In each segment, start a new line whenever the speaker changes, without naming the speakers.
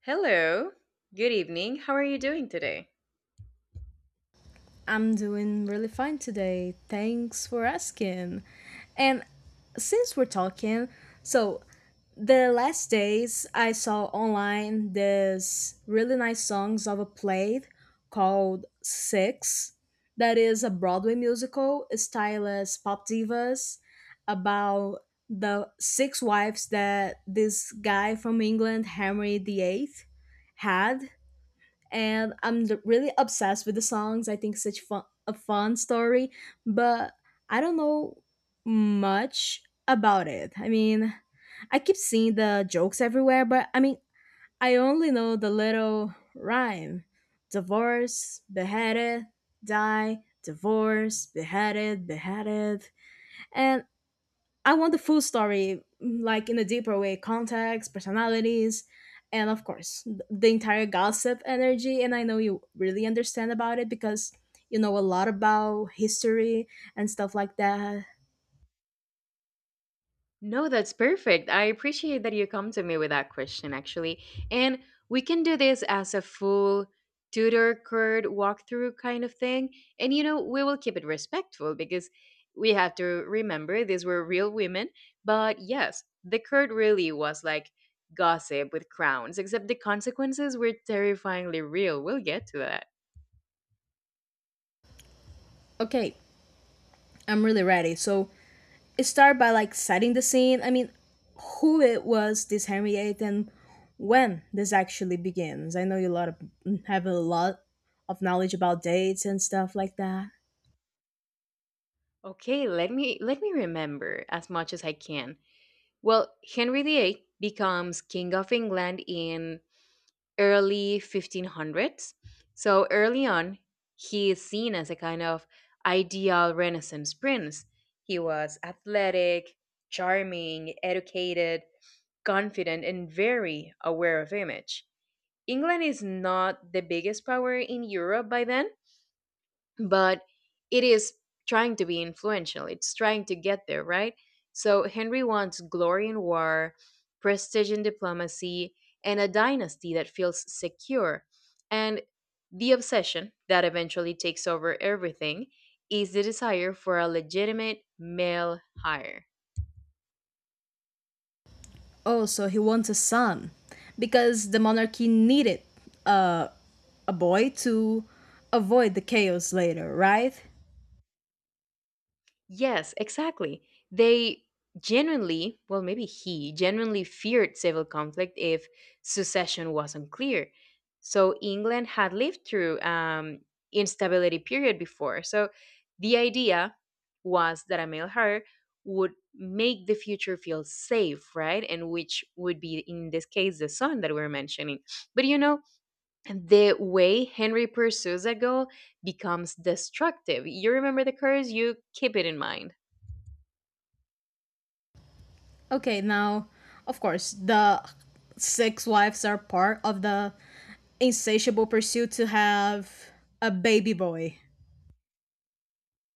Hello. Good evening. How are you doing today?
I'm doing really fine today. Thanks for asking. And since we're talking, so the last days I saw online this really nice songs of a play called Six, that is a Broadway musical styled as pop divas about the six wives that this guy from England, Henry VIII, had, and really obsessed with the songs. I think such fun, a fun story, but I don't know much about it. I keep seeing the jokes everywhere, but I only know the little rhyme: divorce, beheaded, die, divorce, beheaded, beheaded, and I want the full story, like in a deeper way, context, personalities, and of course, the entire gossip energy. And I know you really understand about it because you know a lot about history and stuff like that.
No, that's perfect. I appreciate that you come to me with that question, actually. And we can do this as a full tutor card walkthrough kind of thing. And, we will keep it respectful because we have to remember these were real women. But yes, the curd really was like gossip with crowns, except the consequences were terrifyingly real. We'll get to that.
Okay, I'm really ready. So it started by like setting the scene. I mean, who it was this Henry VIII and when this actually begins. I know you a lot of have a lot of knowledge about dates and stuff like that.
Okay, let me remember as much as I can. Well, Henry VIII becomes King of England in early 1500s. So early on, he is seen as a kind of ideal Renaissance prince. He was athletic, charming, educated, confident, and very aware of image. England is not the biggest power in Europe by then, but it is trying to be influential. It's trying to get there, right? So Henry wants glory in war, prestige in diplomacy, and a dynasty that feels secure. And the obsession that eventually takes over everything is the desire for a legitimate male heir.
Oh, so he wants a son because the monarchy needed uh, a boy to avoid the chaos later, right?
Yes, exactly. They genuinely, well, maybe he genuinely feared civil conflict if succession wasn't clear. So England had lived through instability period before. So the idea was that a male heir would make the future feel safe, right? And which would be in this case the son that we're mentioning. But the way Henry pursues that goal becomes destructive. You remember the curse, you keep it in mind.
Okay, now, of course, the six wives are part of the insatiable pursuit to have a baby boy.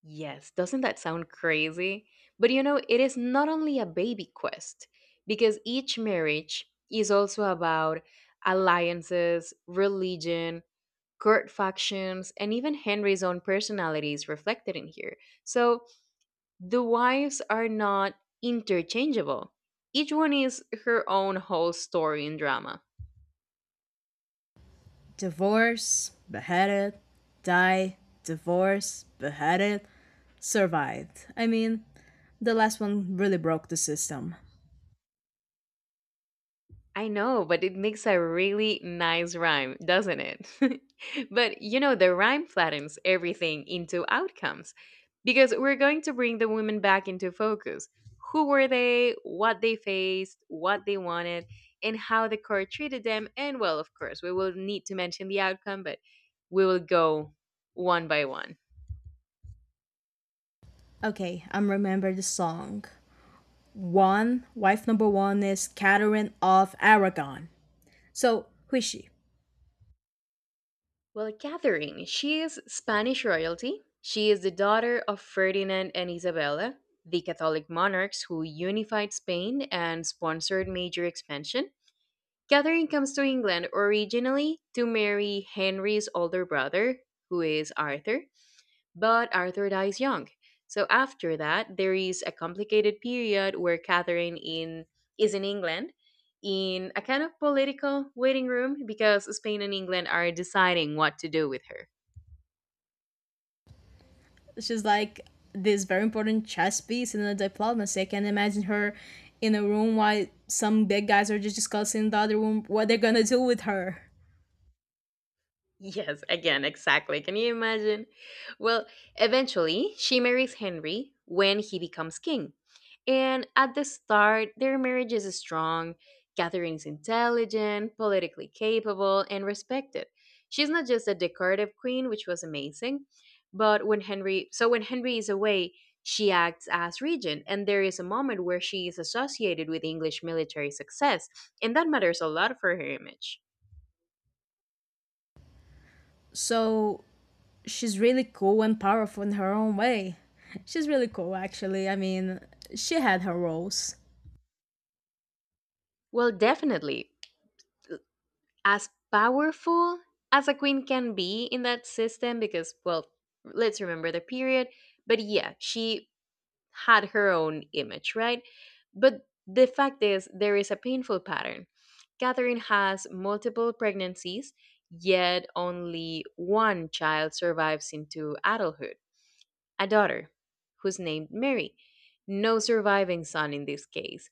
Yes, doesn't that sound crazy? But it is not only a baby quest, because each marriage is also about alliances, religion, court factions, and even Henry's own personality is reflected in here. So the wives are not interchangeable, each one is her own whole story and drama.
Divorce, beheaded, die, divorce, beheaded, survived. I mean, the last one really broke the system.
I know, but it makes a really nice rhyme, doesn't it? But the rhyme flattens everything into outcomes because we're going to bring the women back into focus. Who were they, what they faced, what they wanted, and how the court treated them? And well, of course, we will need to mention the outcome, but we will go one by one.
Okay, I'm remember the song. One, wife number one is Catherine of Aragon. So who is she?
Well, Catherine, she is Spanish royalty. She is the daughter of Ferdinand and Isabella, the Catholic monarchs who unified Spain and sponsored major expansion. Catherine comes to England originally to marry Henry's older brother, who is Arthur, but Arthur dies young. So after that, there is a complicated period where Catherine in is in England in a kind of political waiting room because Spain and England are deciding what to do with her.
She's like this very important chess piece in the diplomacy. I can imagine her in a room while some big guys are just discussing in the other room what they're gonna do with her.
Yes, again, exactly. Can you imagine? Well, eventually, she marries Henry when he becomes king. And at the start, their marriage is strong. Catherine is intelligent, politically capable, and respected. She's not just a decorative queen, which was amazing, but so when Henry is away, she acts as regent, and there is a moment where she is associated with English military success, and that matters a lot for her image.
So she's really cool and powerful in her own way. She's really cool actually. I mean, she had her roles.
Well, definitely. As powerful as a queen can be in that system, because, well, let's remember the period. But yeah, she had her own image, right? But the fact is, there is a painful pattern. Catherine has multiple pregnancies, yet only one child survives into adulthood, a daughter who's named Mary. No surviving son in this case.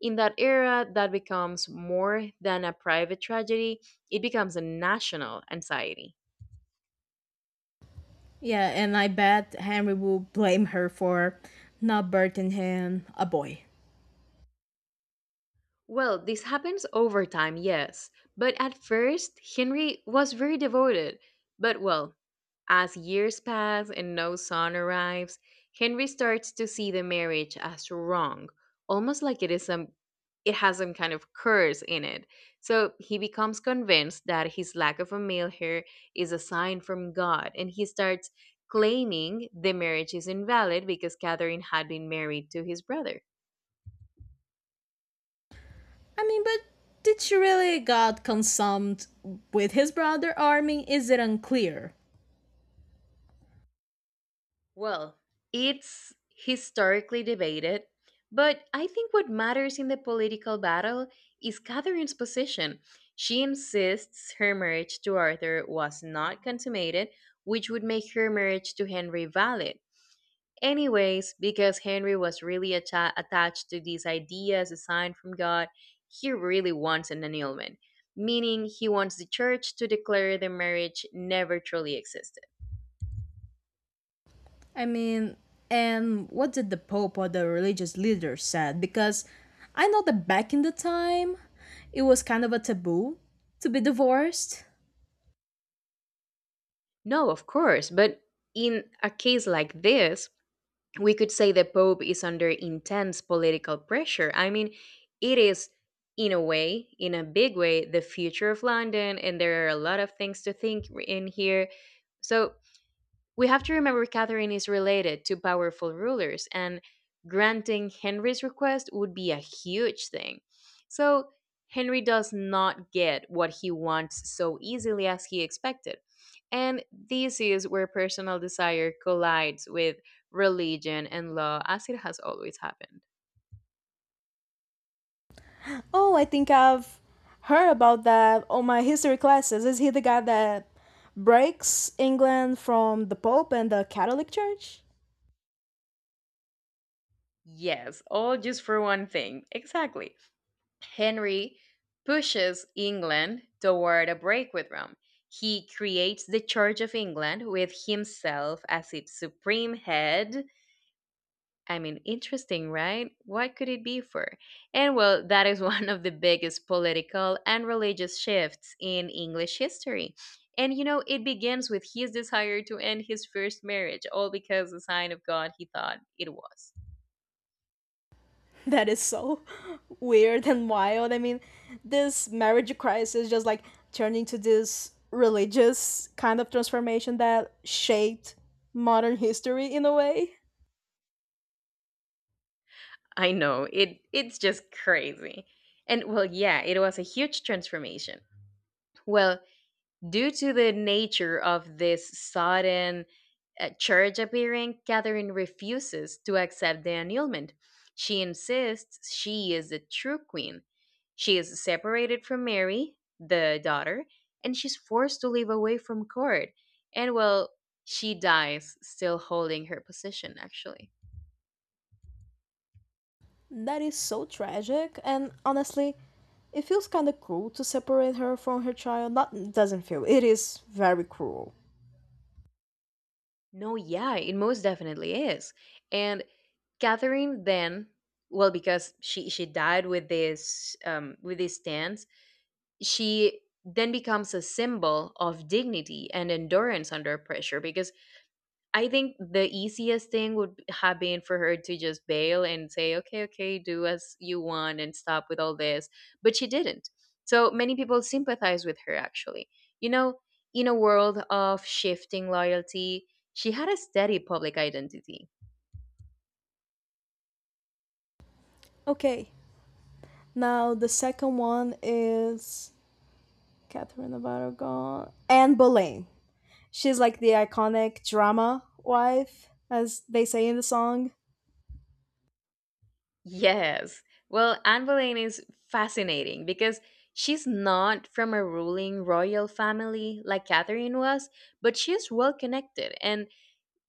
In that era, that becomes more than a private tragedy, it becomes a national anxiety.
Yeah, and I bet Henry will blame her for not birthing him a boy.
Well, this happens over time, yes, but at first, Henry was very devoted. But, well, as years pass and no son arrives, Henry starts to see the marriage as wrong, almost like it has some kind of curse in it. So he becomes convinced that his lack of a male heir is a sign from God, and he starts claiming the marriage is invalid because Catherine had been married to his brother.
But did she really got consumed with his brother army? Is it unclear?
Well, it's historically debated, but I think what matters in the political battle is Catherine's position. She insists her marriage to Arthur was not consummated, which would make her marriage to Henry valid. Anyways, because Henry was really attached to these ideas assigned from God, he really wants an annulment, meaning he wants the church to declare the marriage never truly existed.
I mean, and what did the Pope or the religious leaders said? Because I know that back in the time, it was kind of a taboo to be divorced.
No, of course. But in a case like this, we could say the Pope is under intense political pressure. I mean, it is, in a way, in a big way, the future of London, and there are a lot of things to think in here. So we have to remember Catherine is related to powerful rulers, and granting Henry's request would be a huge thing. So Henry does not get what he wants so easily as he expected. And this is where personal desire collides with religion and law, as it has always happened.
Oh, I think I've heard about that on my history classes. Is he the guy that breaks England from the Pope and the Catholic Church?
Yes, all just for one thing. Exactly. Henry pushes England toward a break with Rome. He creates the Church of England with himself as its supreme head. I mean, interesting, right? What could it be for? And well, that is one of the biggest political and religious shifts in English history. And it begins with his desire to end his first marriage, all because the sign of God he thought it was.
That is so weird and wild. I mean, this marriage crisis just like turned into this religious kind of transformation that shaped modern history in a way.
I know. It's just crazy. And well, yeah, it was a huge transformation. Well, due to the nature of this sudden church appearing, Catherine refuses to accept the annulment. She insists she is the true queen. She is separated from Mary, the daughter, and she's forced to live away from court. And well, she dies still holding her position actually.
That is so tragic, and honestly, it feels kind of cruel to separate her from her child. Not doesn't feel. It is very cruel.
No, yeah, it most definitely is. And Catherine then, well, because she died with this with this stance, she then becomes a symbol of dignity and endurance under pressure. Because I think the easiest thing would have been for her to just bail and say, "Okay, okay, do as you want and stop with all this," but she didn't. So many people sympathize with her. Actually, you know, in a world of shifting loyalty, she had a steady public identity.
Okay, now the second one is Catherine of Aragon, Anne Boleyn. She's like the iconic drama wife, as they say in the song.
Yes. Well, Anne Boleyn is fascinating because she's not from a ruling royal family like Catherine was, but she's well connected and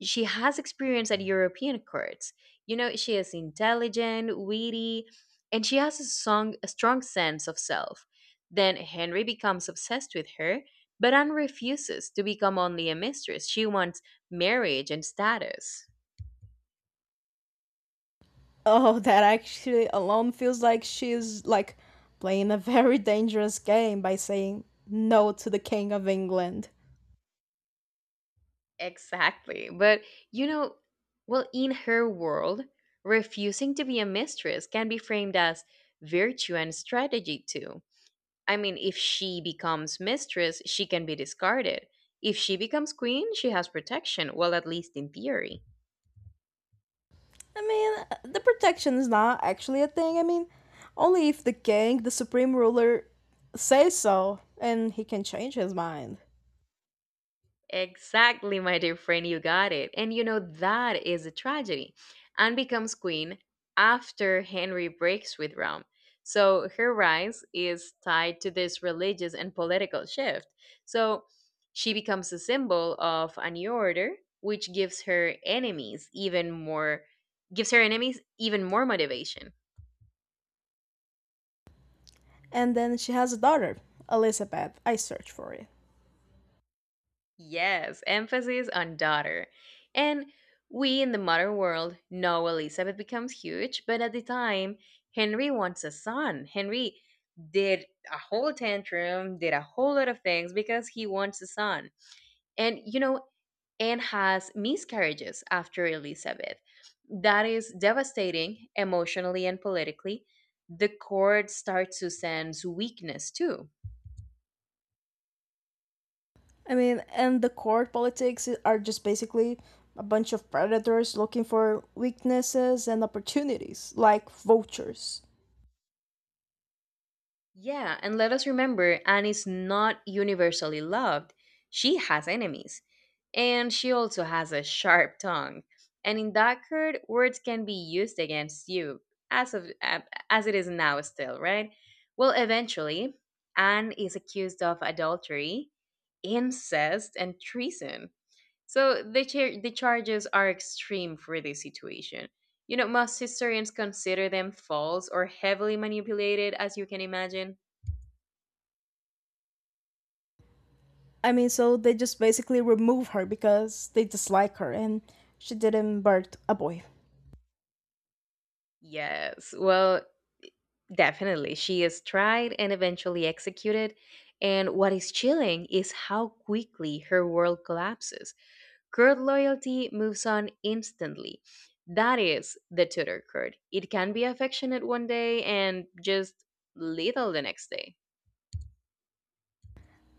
she has experience at European courts. You know, she is intelligent, witty, and she has a strong sense of self. Then Henry becomes obsessed with her, but Anne refuses to become only a mistress. She wants marriage and status.
Oh, that actually alone feels like she's like playing a very dangerous game by saying no to the King of England.
Exactly. But you know, well, in her world, refusing to be a mistress can be framed as virtue and strategy too. I mean, if she becomes mistress, she can be discarded. If she becomes queen, she has protection, well, at least in theory.
I mean, the protection is not actually a thing. I mean, only if the king, the supreme ruler, says so, and he can change his mind.
Exactly, my dear friend, you got it. And that is a tragedy. Anne becomes queen after Henry breaks with Rome. So her rise is tied to this religious and political shift. So she becomes a symbol of a new order, which gives her enemies even more motivation.
And then she has a daughter, Elizabeth. I searched for it.
Yes, emphasis on daughter. And we in the modern world know Elizabeth becomes huge, but at the time, Henry wants a son. Henry did a whole tantrum, did a whole lot of things because he wants a son. And, Anne has miscarriages after Elizabeth. That is devastating emotionally and politically. The court starts to sense weakness too.
I mean, and the court politics are just basically a bunch of predators looking for weaknesses and opportunities, like vultures.
Yeah, and let us remember Anne is not universally loved. She has enemies, and she also has a sharp tongue. And in Dunkirk, words can be used against you, as of as it is now, still, right? Well, eventually, Anne is accused of adultery, incest, and treason. So the charges are extreme for this situation. Most historians consider them false or heavily manipulated, as you can imagine.
I mean, so they just basically remove her because they dislike her and she didn't birth a boy.
Yes, well, definitely. She is tried and eventually executed. And what is chilling is how quickly her world collapses. Kurd loyalty moves on instantly. That is the Tudor Kurd. It can be affectionate one day and just little the next day.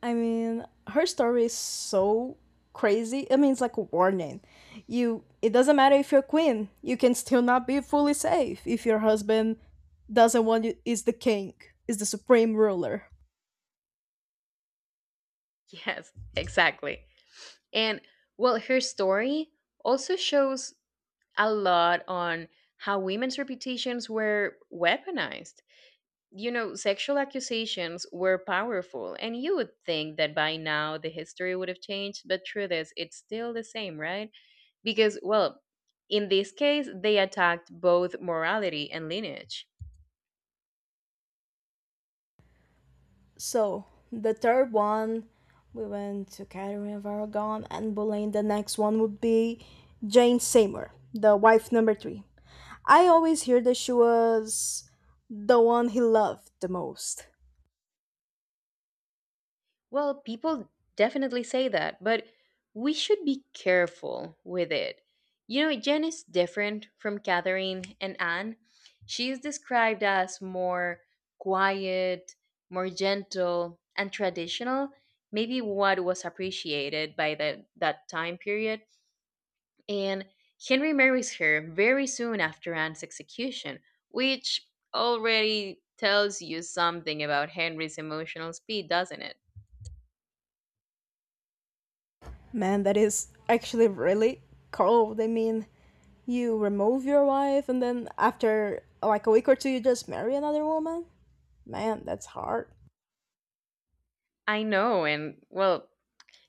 I mean, her story is so crazy. I mean, it's like a warning. You, it doesn't matter if you're queen, you can still not be fully safe if your husband doesn't want you is the king, is the supreme ruler.
Yes, exactly. And well, her story also shows a lot on how women's reputations were weaponized. Sexual accusations were powerful, and you would think that by now the history would have changed, but truth is, it's still the same, right? Because, well, in this case, they attacked both morality and lineage.
So the third one, we went to Catherine of Aragon and Boleyn. The next one would be Jane Seymour, the wife number three. I always hear that she was the one he loved the most.
Well, people definitely say that, but we should be careful with it. Jen is different from Catherine and Anne. She is described as more quiet, more gentle, and traditional, maybe what was appreciated by that time period. And Henry marries her very soon after Anne's execution, which already tells you something about Henry's emotional speed, doesn't it?
Man, that is actually really cold. I mean, you remove your wife and then after like a week or two you just marry another woman? Man, that's hard.
I know, and well,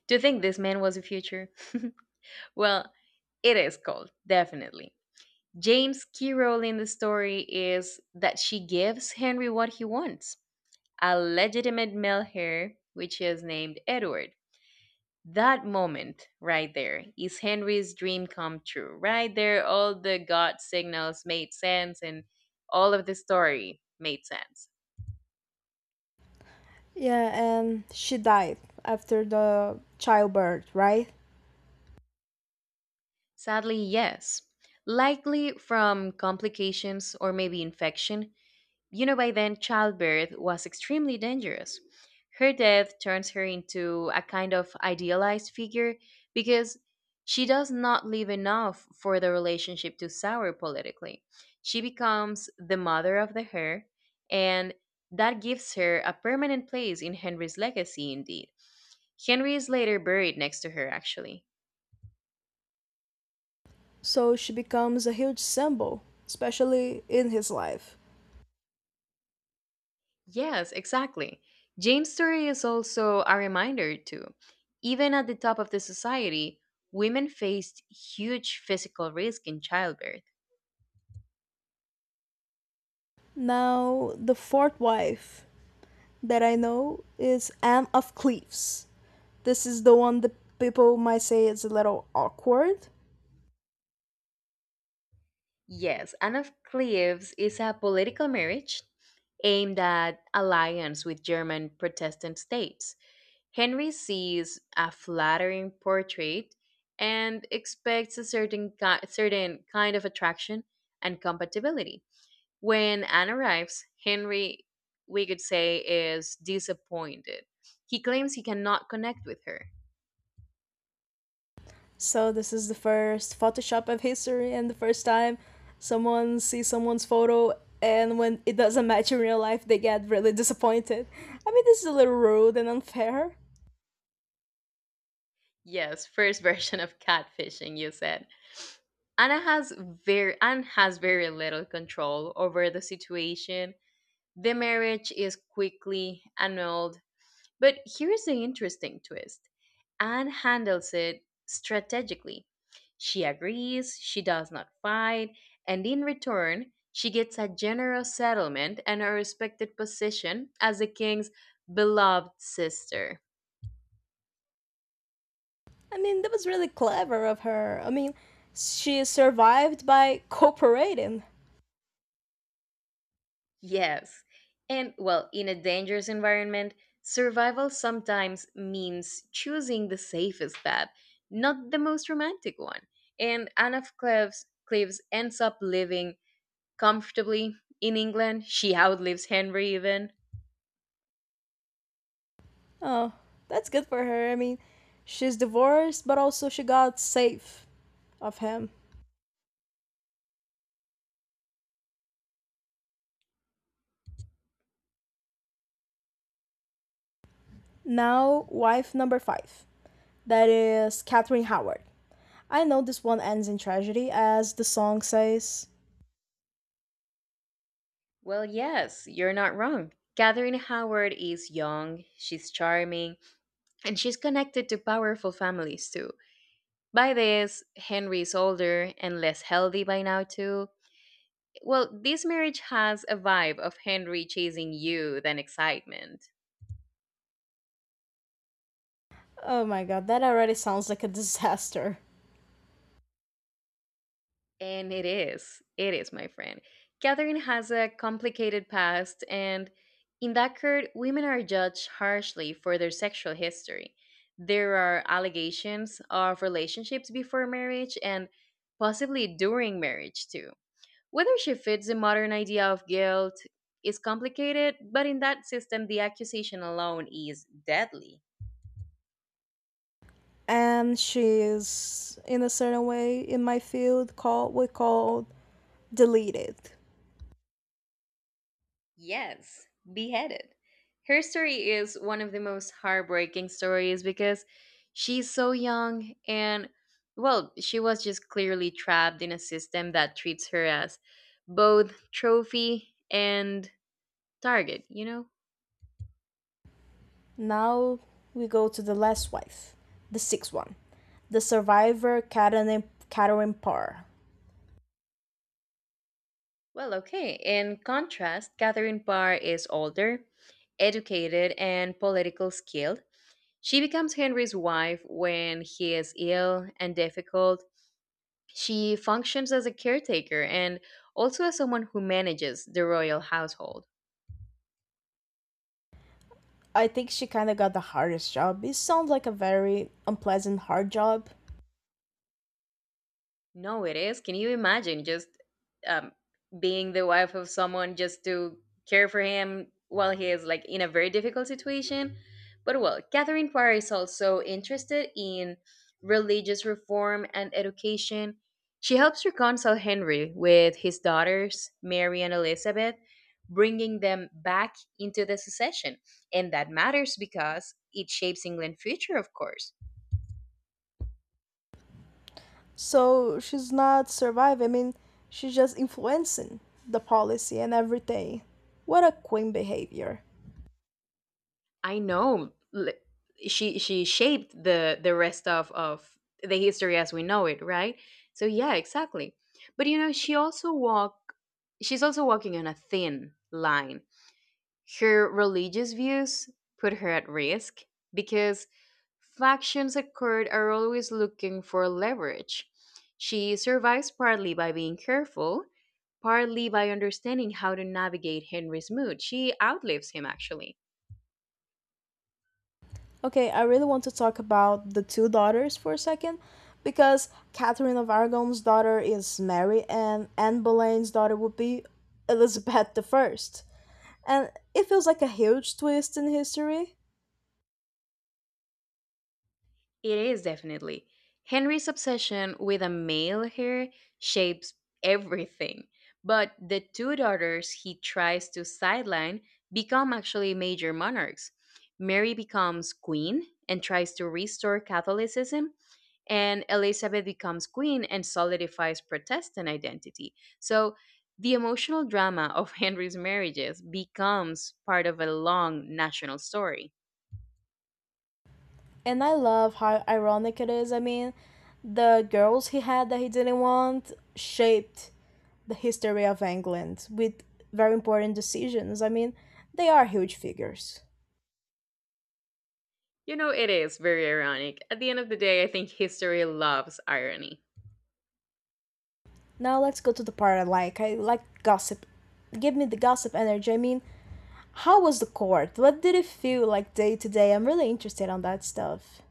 to think this man was the future. Well, it is cold, definitely. James' key role in the story is that she gives Henry what he wants, a legitimate male heir, which is named Edward. That moment right there is Henry's dream come true. Right there, all the God signals made sense and all of the story made sense.
Yeah, and she died after the childbirth, right?
Sadly, yes. Likely from complications or maybe infection. You know, by then, childbirth was extremely dangerous. Her death turns her into a kind of idealized figure because she does not leave enough for the relationship to sour politically. She becomes the mother of the heir, and that gives her a permanent place in Henry's legacy, indeed. Henry is later buried next to her, actually.
So she becomes a huge symbol, especially in his life.
Yes, exactly. Jane's story is also a reminder, too. Even at the top of the society, women faced huge physical risk in childbirth.
Now, the fourth wife that I know is Anne of Cleves. This is the one that people might say is a little awkward.
Yes, Anne of Cleves is a political marriage aimed at alliance with German Protestant states. Henry sees a flattering portrait and expects a certain kind of attraction and compatibility. When Anne arrives, Henry, we could say, is disappointed. He claims he cannot connect with her.
So, this is the first Photoshop of history and the first time someone sees someone's photo and when it doesn't match in real life, they get really disappointed. I mean, this is a little rude and unfair.
Yes, first version of catfishing, you said. Anna has very Anne has very little control over the situation. The marriage is quickly annulled. But here's the interesting twist. Anne handles it strategically. She agrees, she does not fight, and in return, she gets a generous settlement and a respected position as the king's beloved sister.
I mean, that was really clever of her. I mean, she survived by cooperating.
Yes. And, well, in a dangerous environment, survival sometimes means choosing the safest path, not the most romantic one. And Anne of Cleves ends up living comfortably in England. She outlives Henry, even.
Oh, that's good for her. I mean, she's divorced, but also she got safe of him. Now, wife number five. That is Catherine Howard. I know this one ends in tragedy, as the song says.
Well, yes, you're not wrong. Catherine Howard is young, she's charming, and she's connected to powerful families too. By this, Henry is older and less healthy by now too. Well, this marriage has a vibe of Henry chasing you than excitement.
Oh my god, that already sounds like a disaster.
And it is. It is, my friend. Catherine has a complicated past, and in that court, women are judged harshly for their sexual history. There are allegations of relationships before marriage and possibly during marriage, too. Whether she fits the modern idea of guilt is complicated, but in that system, the accusation alone is deadly.
And she's in a certain way in my field called we call deleted.
Yes, beheaded. Her story is one of the most heartbreaking stories because she's so young and, well, she was just clearly trapped in a system that treats her as both trophy and target, you know?
Now we go to the last wife, the sixth one, the survivor Karen Parr.
Well, okay. In contrast, Catherine Parr is older, educated, and politically skilled. She becomes Henry's wife when he is ill and difficult. She functions as a caretaker and also as someone who manages the royal household.
I think she kind of got the hardest job. It sounds like a very unpleasant, hard job.
No, it is. Can you imagine just um, being the wife of someone just to care for him while he is like in a very difficult situation? But well, Catherine Parr is also interested in religious reform and education. She helps reconcile Henry with his daughters, Mary and Elizabeth, bringing them back into the succession. And that matters because it shapes England's future, of course.
So she's not surviving. I mean, she's just influencing the policy and everything. What a queen behavior.
I know, she shaped the rest of the history as we know it, right? So yeah, exactly. But you know, she's also walking on a thin line. Her religious views put her at risk because factions at court are always looking for leverage. She survives partly by being careful, partly by understanding how to navigate Henry's mood. She outlives him actually.
Okay, I really want to talk about the two daughters for a second because Catherine of Aragon's daughter is Mary and Anne Boleyn's daughter would be Elizabeth the First. And it feels like a huge twist in history.
It is, definitely. Henry's obsession with a male heir shapes everything, but the two daughters he tries to sideline become actually major monarchs. Mary becomes queen and tries to restore Catholicism, and Elizabeth becomes queen and solidifies Protestant identity. So the emotional drama of Henry's marriages becomes part of a long national story.
And I love how ironic it is. I mean, the girls he had that he didn't want shaped the history of England with very important decisions. I mean, they are huge figures.
You know, it is very ironic. At the end of the day, I think history loves irony.
Now let's go to the part I like. I like gossip. Give me the gossip energy. I mean, how was the court? What did it feel like day to day? I'm really interested on that stuff.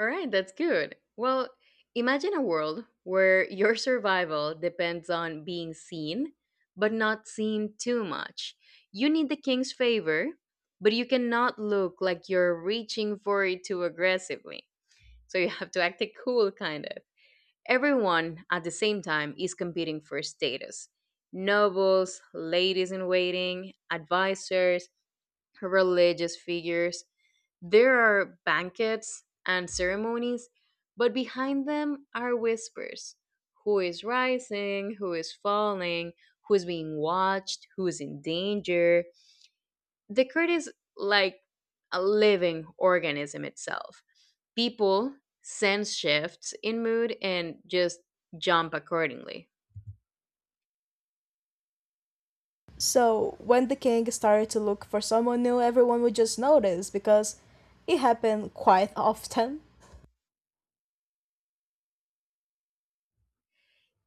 All right, that's good. Well, imagine a world where your survival depends on being seen, but not seen too much. You need the king's favor, but you cannot look like you're reaching for it too aggressively. So you have to act it cool, kind of. Everyone at the same time is competing for status, nobles, ladies in waiting, advisors, religious figures. There are banquets and ceremonies, but behind them are whispers. Who is rising, who is falling, who is being watched, who is in danger. The court is like a living organism itself. People sense shifts in mood and just jump accordingly.
So, when the king started to look for someone new, everyone would just notice because it happened quite often.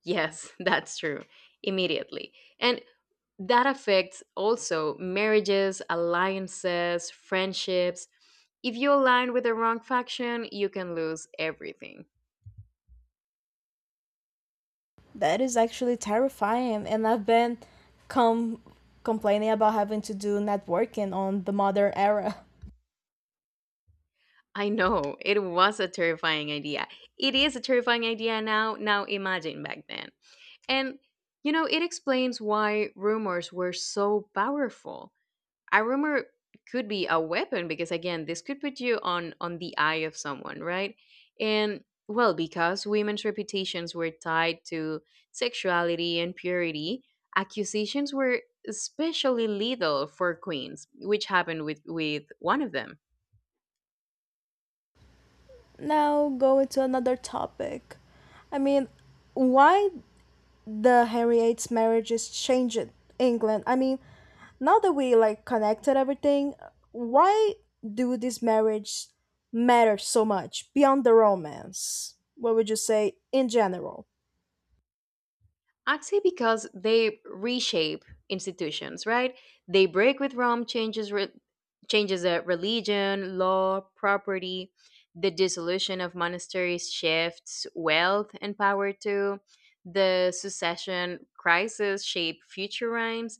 Yes, that's true. Immediately. And that affects also marriages, alliances, friendships. If you align with the wrong faction, you can lose everything.
That is actually terrifying, and com- complaining about having to do networking on the modern era.
I know, it was a terrifying idea. It is a terrifying idea now. Now imagine back then. And, you know, it explains why rumors were so powerful. A rumor could be a weapon, because again, this could put you on the eye of someone, right? And well, because women's reputations were tied to sexuality and purity, accusations were especially lethal for queens, which happened with one of them.
Now, go into another topic. I mean, why the Henriette's marriages changed England. I mean, now that we like connected everything, why do these marriages matter so much beyond the romance? What would you say in general?
Actually, because they reshape institutions, right? They break with Rome, changes religion, law, property, the dissolution of monasteries shifts wealth and power to the succession crisis, shape future rhymes.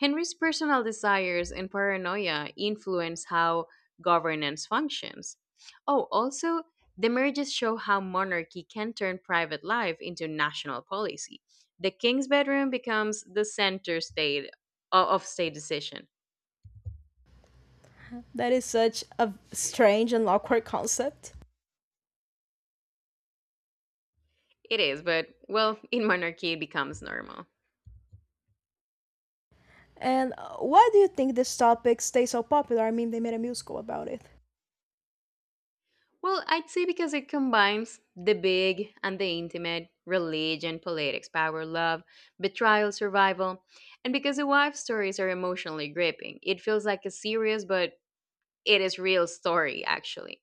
Henry's personal desires and paranoia influence how governance functions. Oh, also, the marriages show how monarchy can turn private life into national policy. The king's bedroom becomes the center state of state decision.
That is such a strange and awkward concept.
It is, but well, in monarchy it becomes normal.
And why do you think this topic stays so popular? I mean, they made a musical about it.
Well, I'd say because it combines the big and the intimate, religion, politics, power, love, betrayal, survival, and because the wife stories are emotionally gripping. It feels like a serious, but it is real story actually.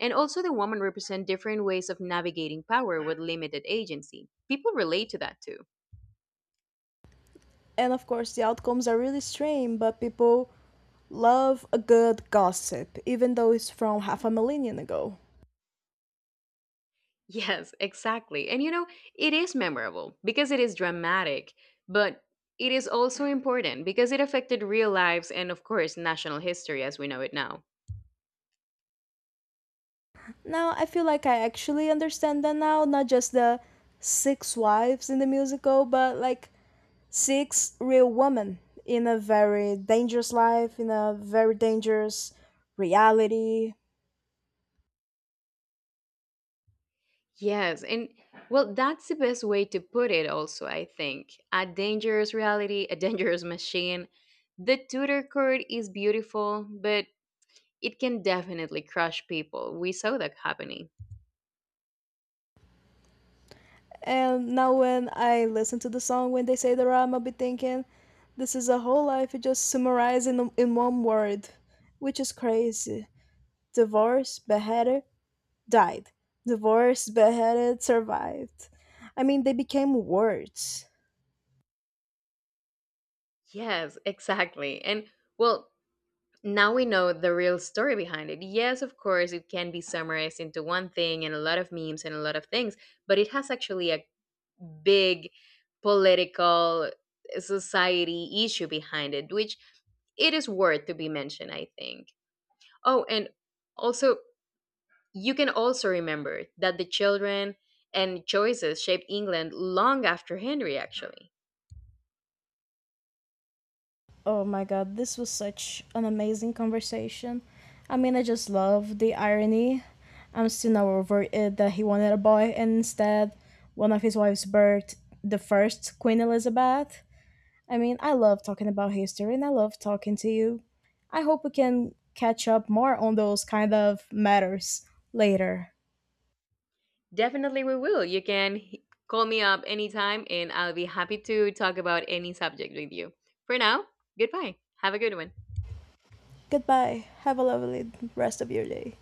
And also the woman represent different ways of navigating power with limited agency. People relate to that too.
And of course, the outcomes are really strange, but people love a good gossip, even though it's from half a millennium ago.
Yes, exactly. And you know, it is memorable because it is dramatic, but it is also important because it affected real lives and, of course, national history as we know it now.
Now I feel like I actually understand that now, not just the six wives in the musical, but like six real women in a very dangerous life, in a very dangerous reality.
Yes, and well, that's the best way to put it, also, I think. A dangerous reality, a dangerous machine. The Tudor court is beautiful, but it can definitely crush people. We saw that happening.
And now when I listen to the song, when they say the rhyme, I'll be thinking, this is a whole life you just summarized in one word, which is crazy. Divorced, beheaded, died. Divorced, beheaded, survived. I mean, they became words.
Yes, exactly. And well, now we know the real story behind it. Yes, of course, it can be summarized into one thing and a lot of memes and a lot of things, but it has actually a big political society issue behind it, which it is worth to be mentioned, I think. Oh, and also, you can also remember that the children and choices shaped England long after Henry, actually.
Oh my god, this was such an amazing conversation. I mean, I just love the irony. I'm still not over it that he wanted a boy and instead one of his wives birthed the first Queen Elizabeth. I mean, I love talking about history and I love talking to you. I hope we can catch up more on those kind of matters later.
Definitely, we will. You can call me up anytime and I'll be happy to talk about any subject with you. For now, goodbye. Have a good one.
Goodbye. Have a lovely rest of your day.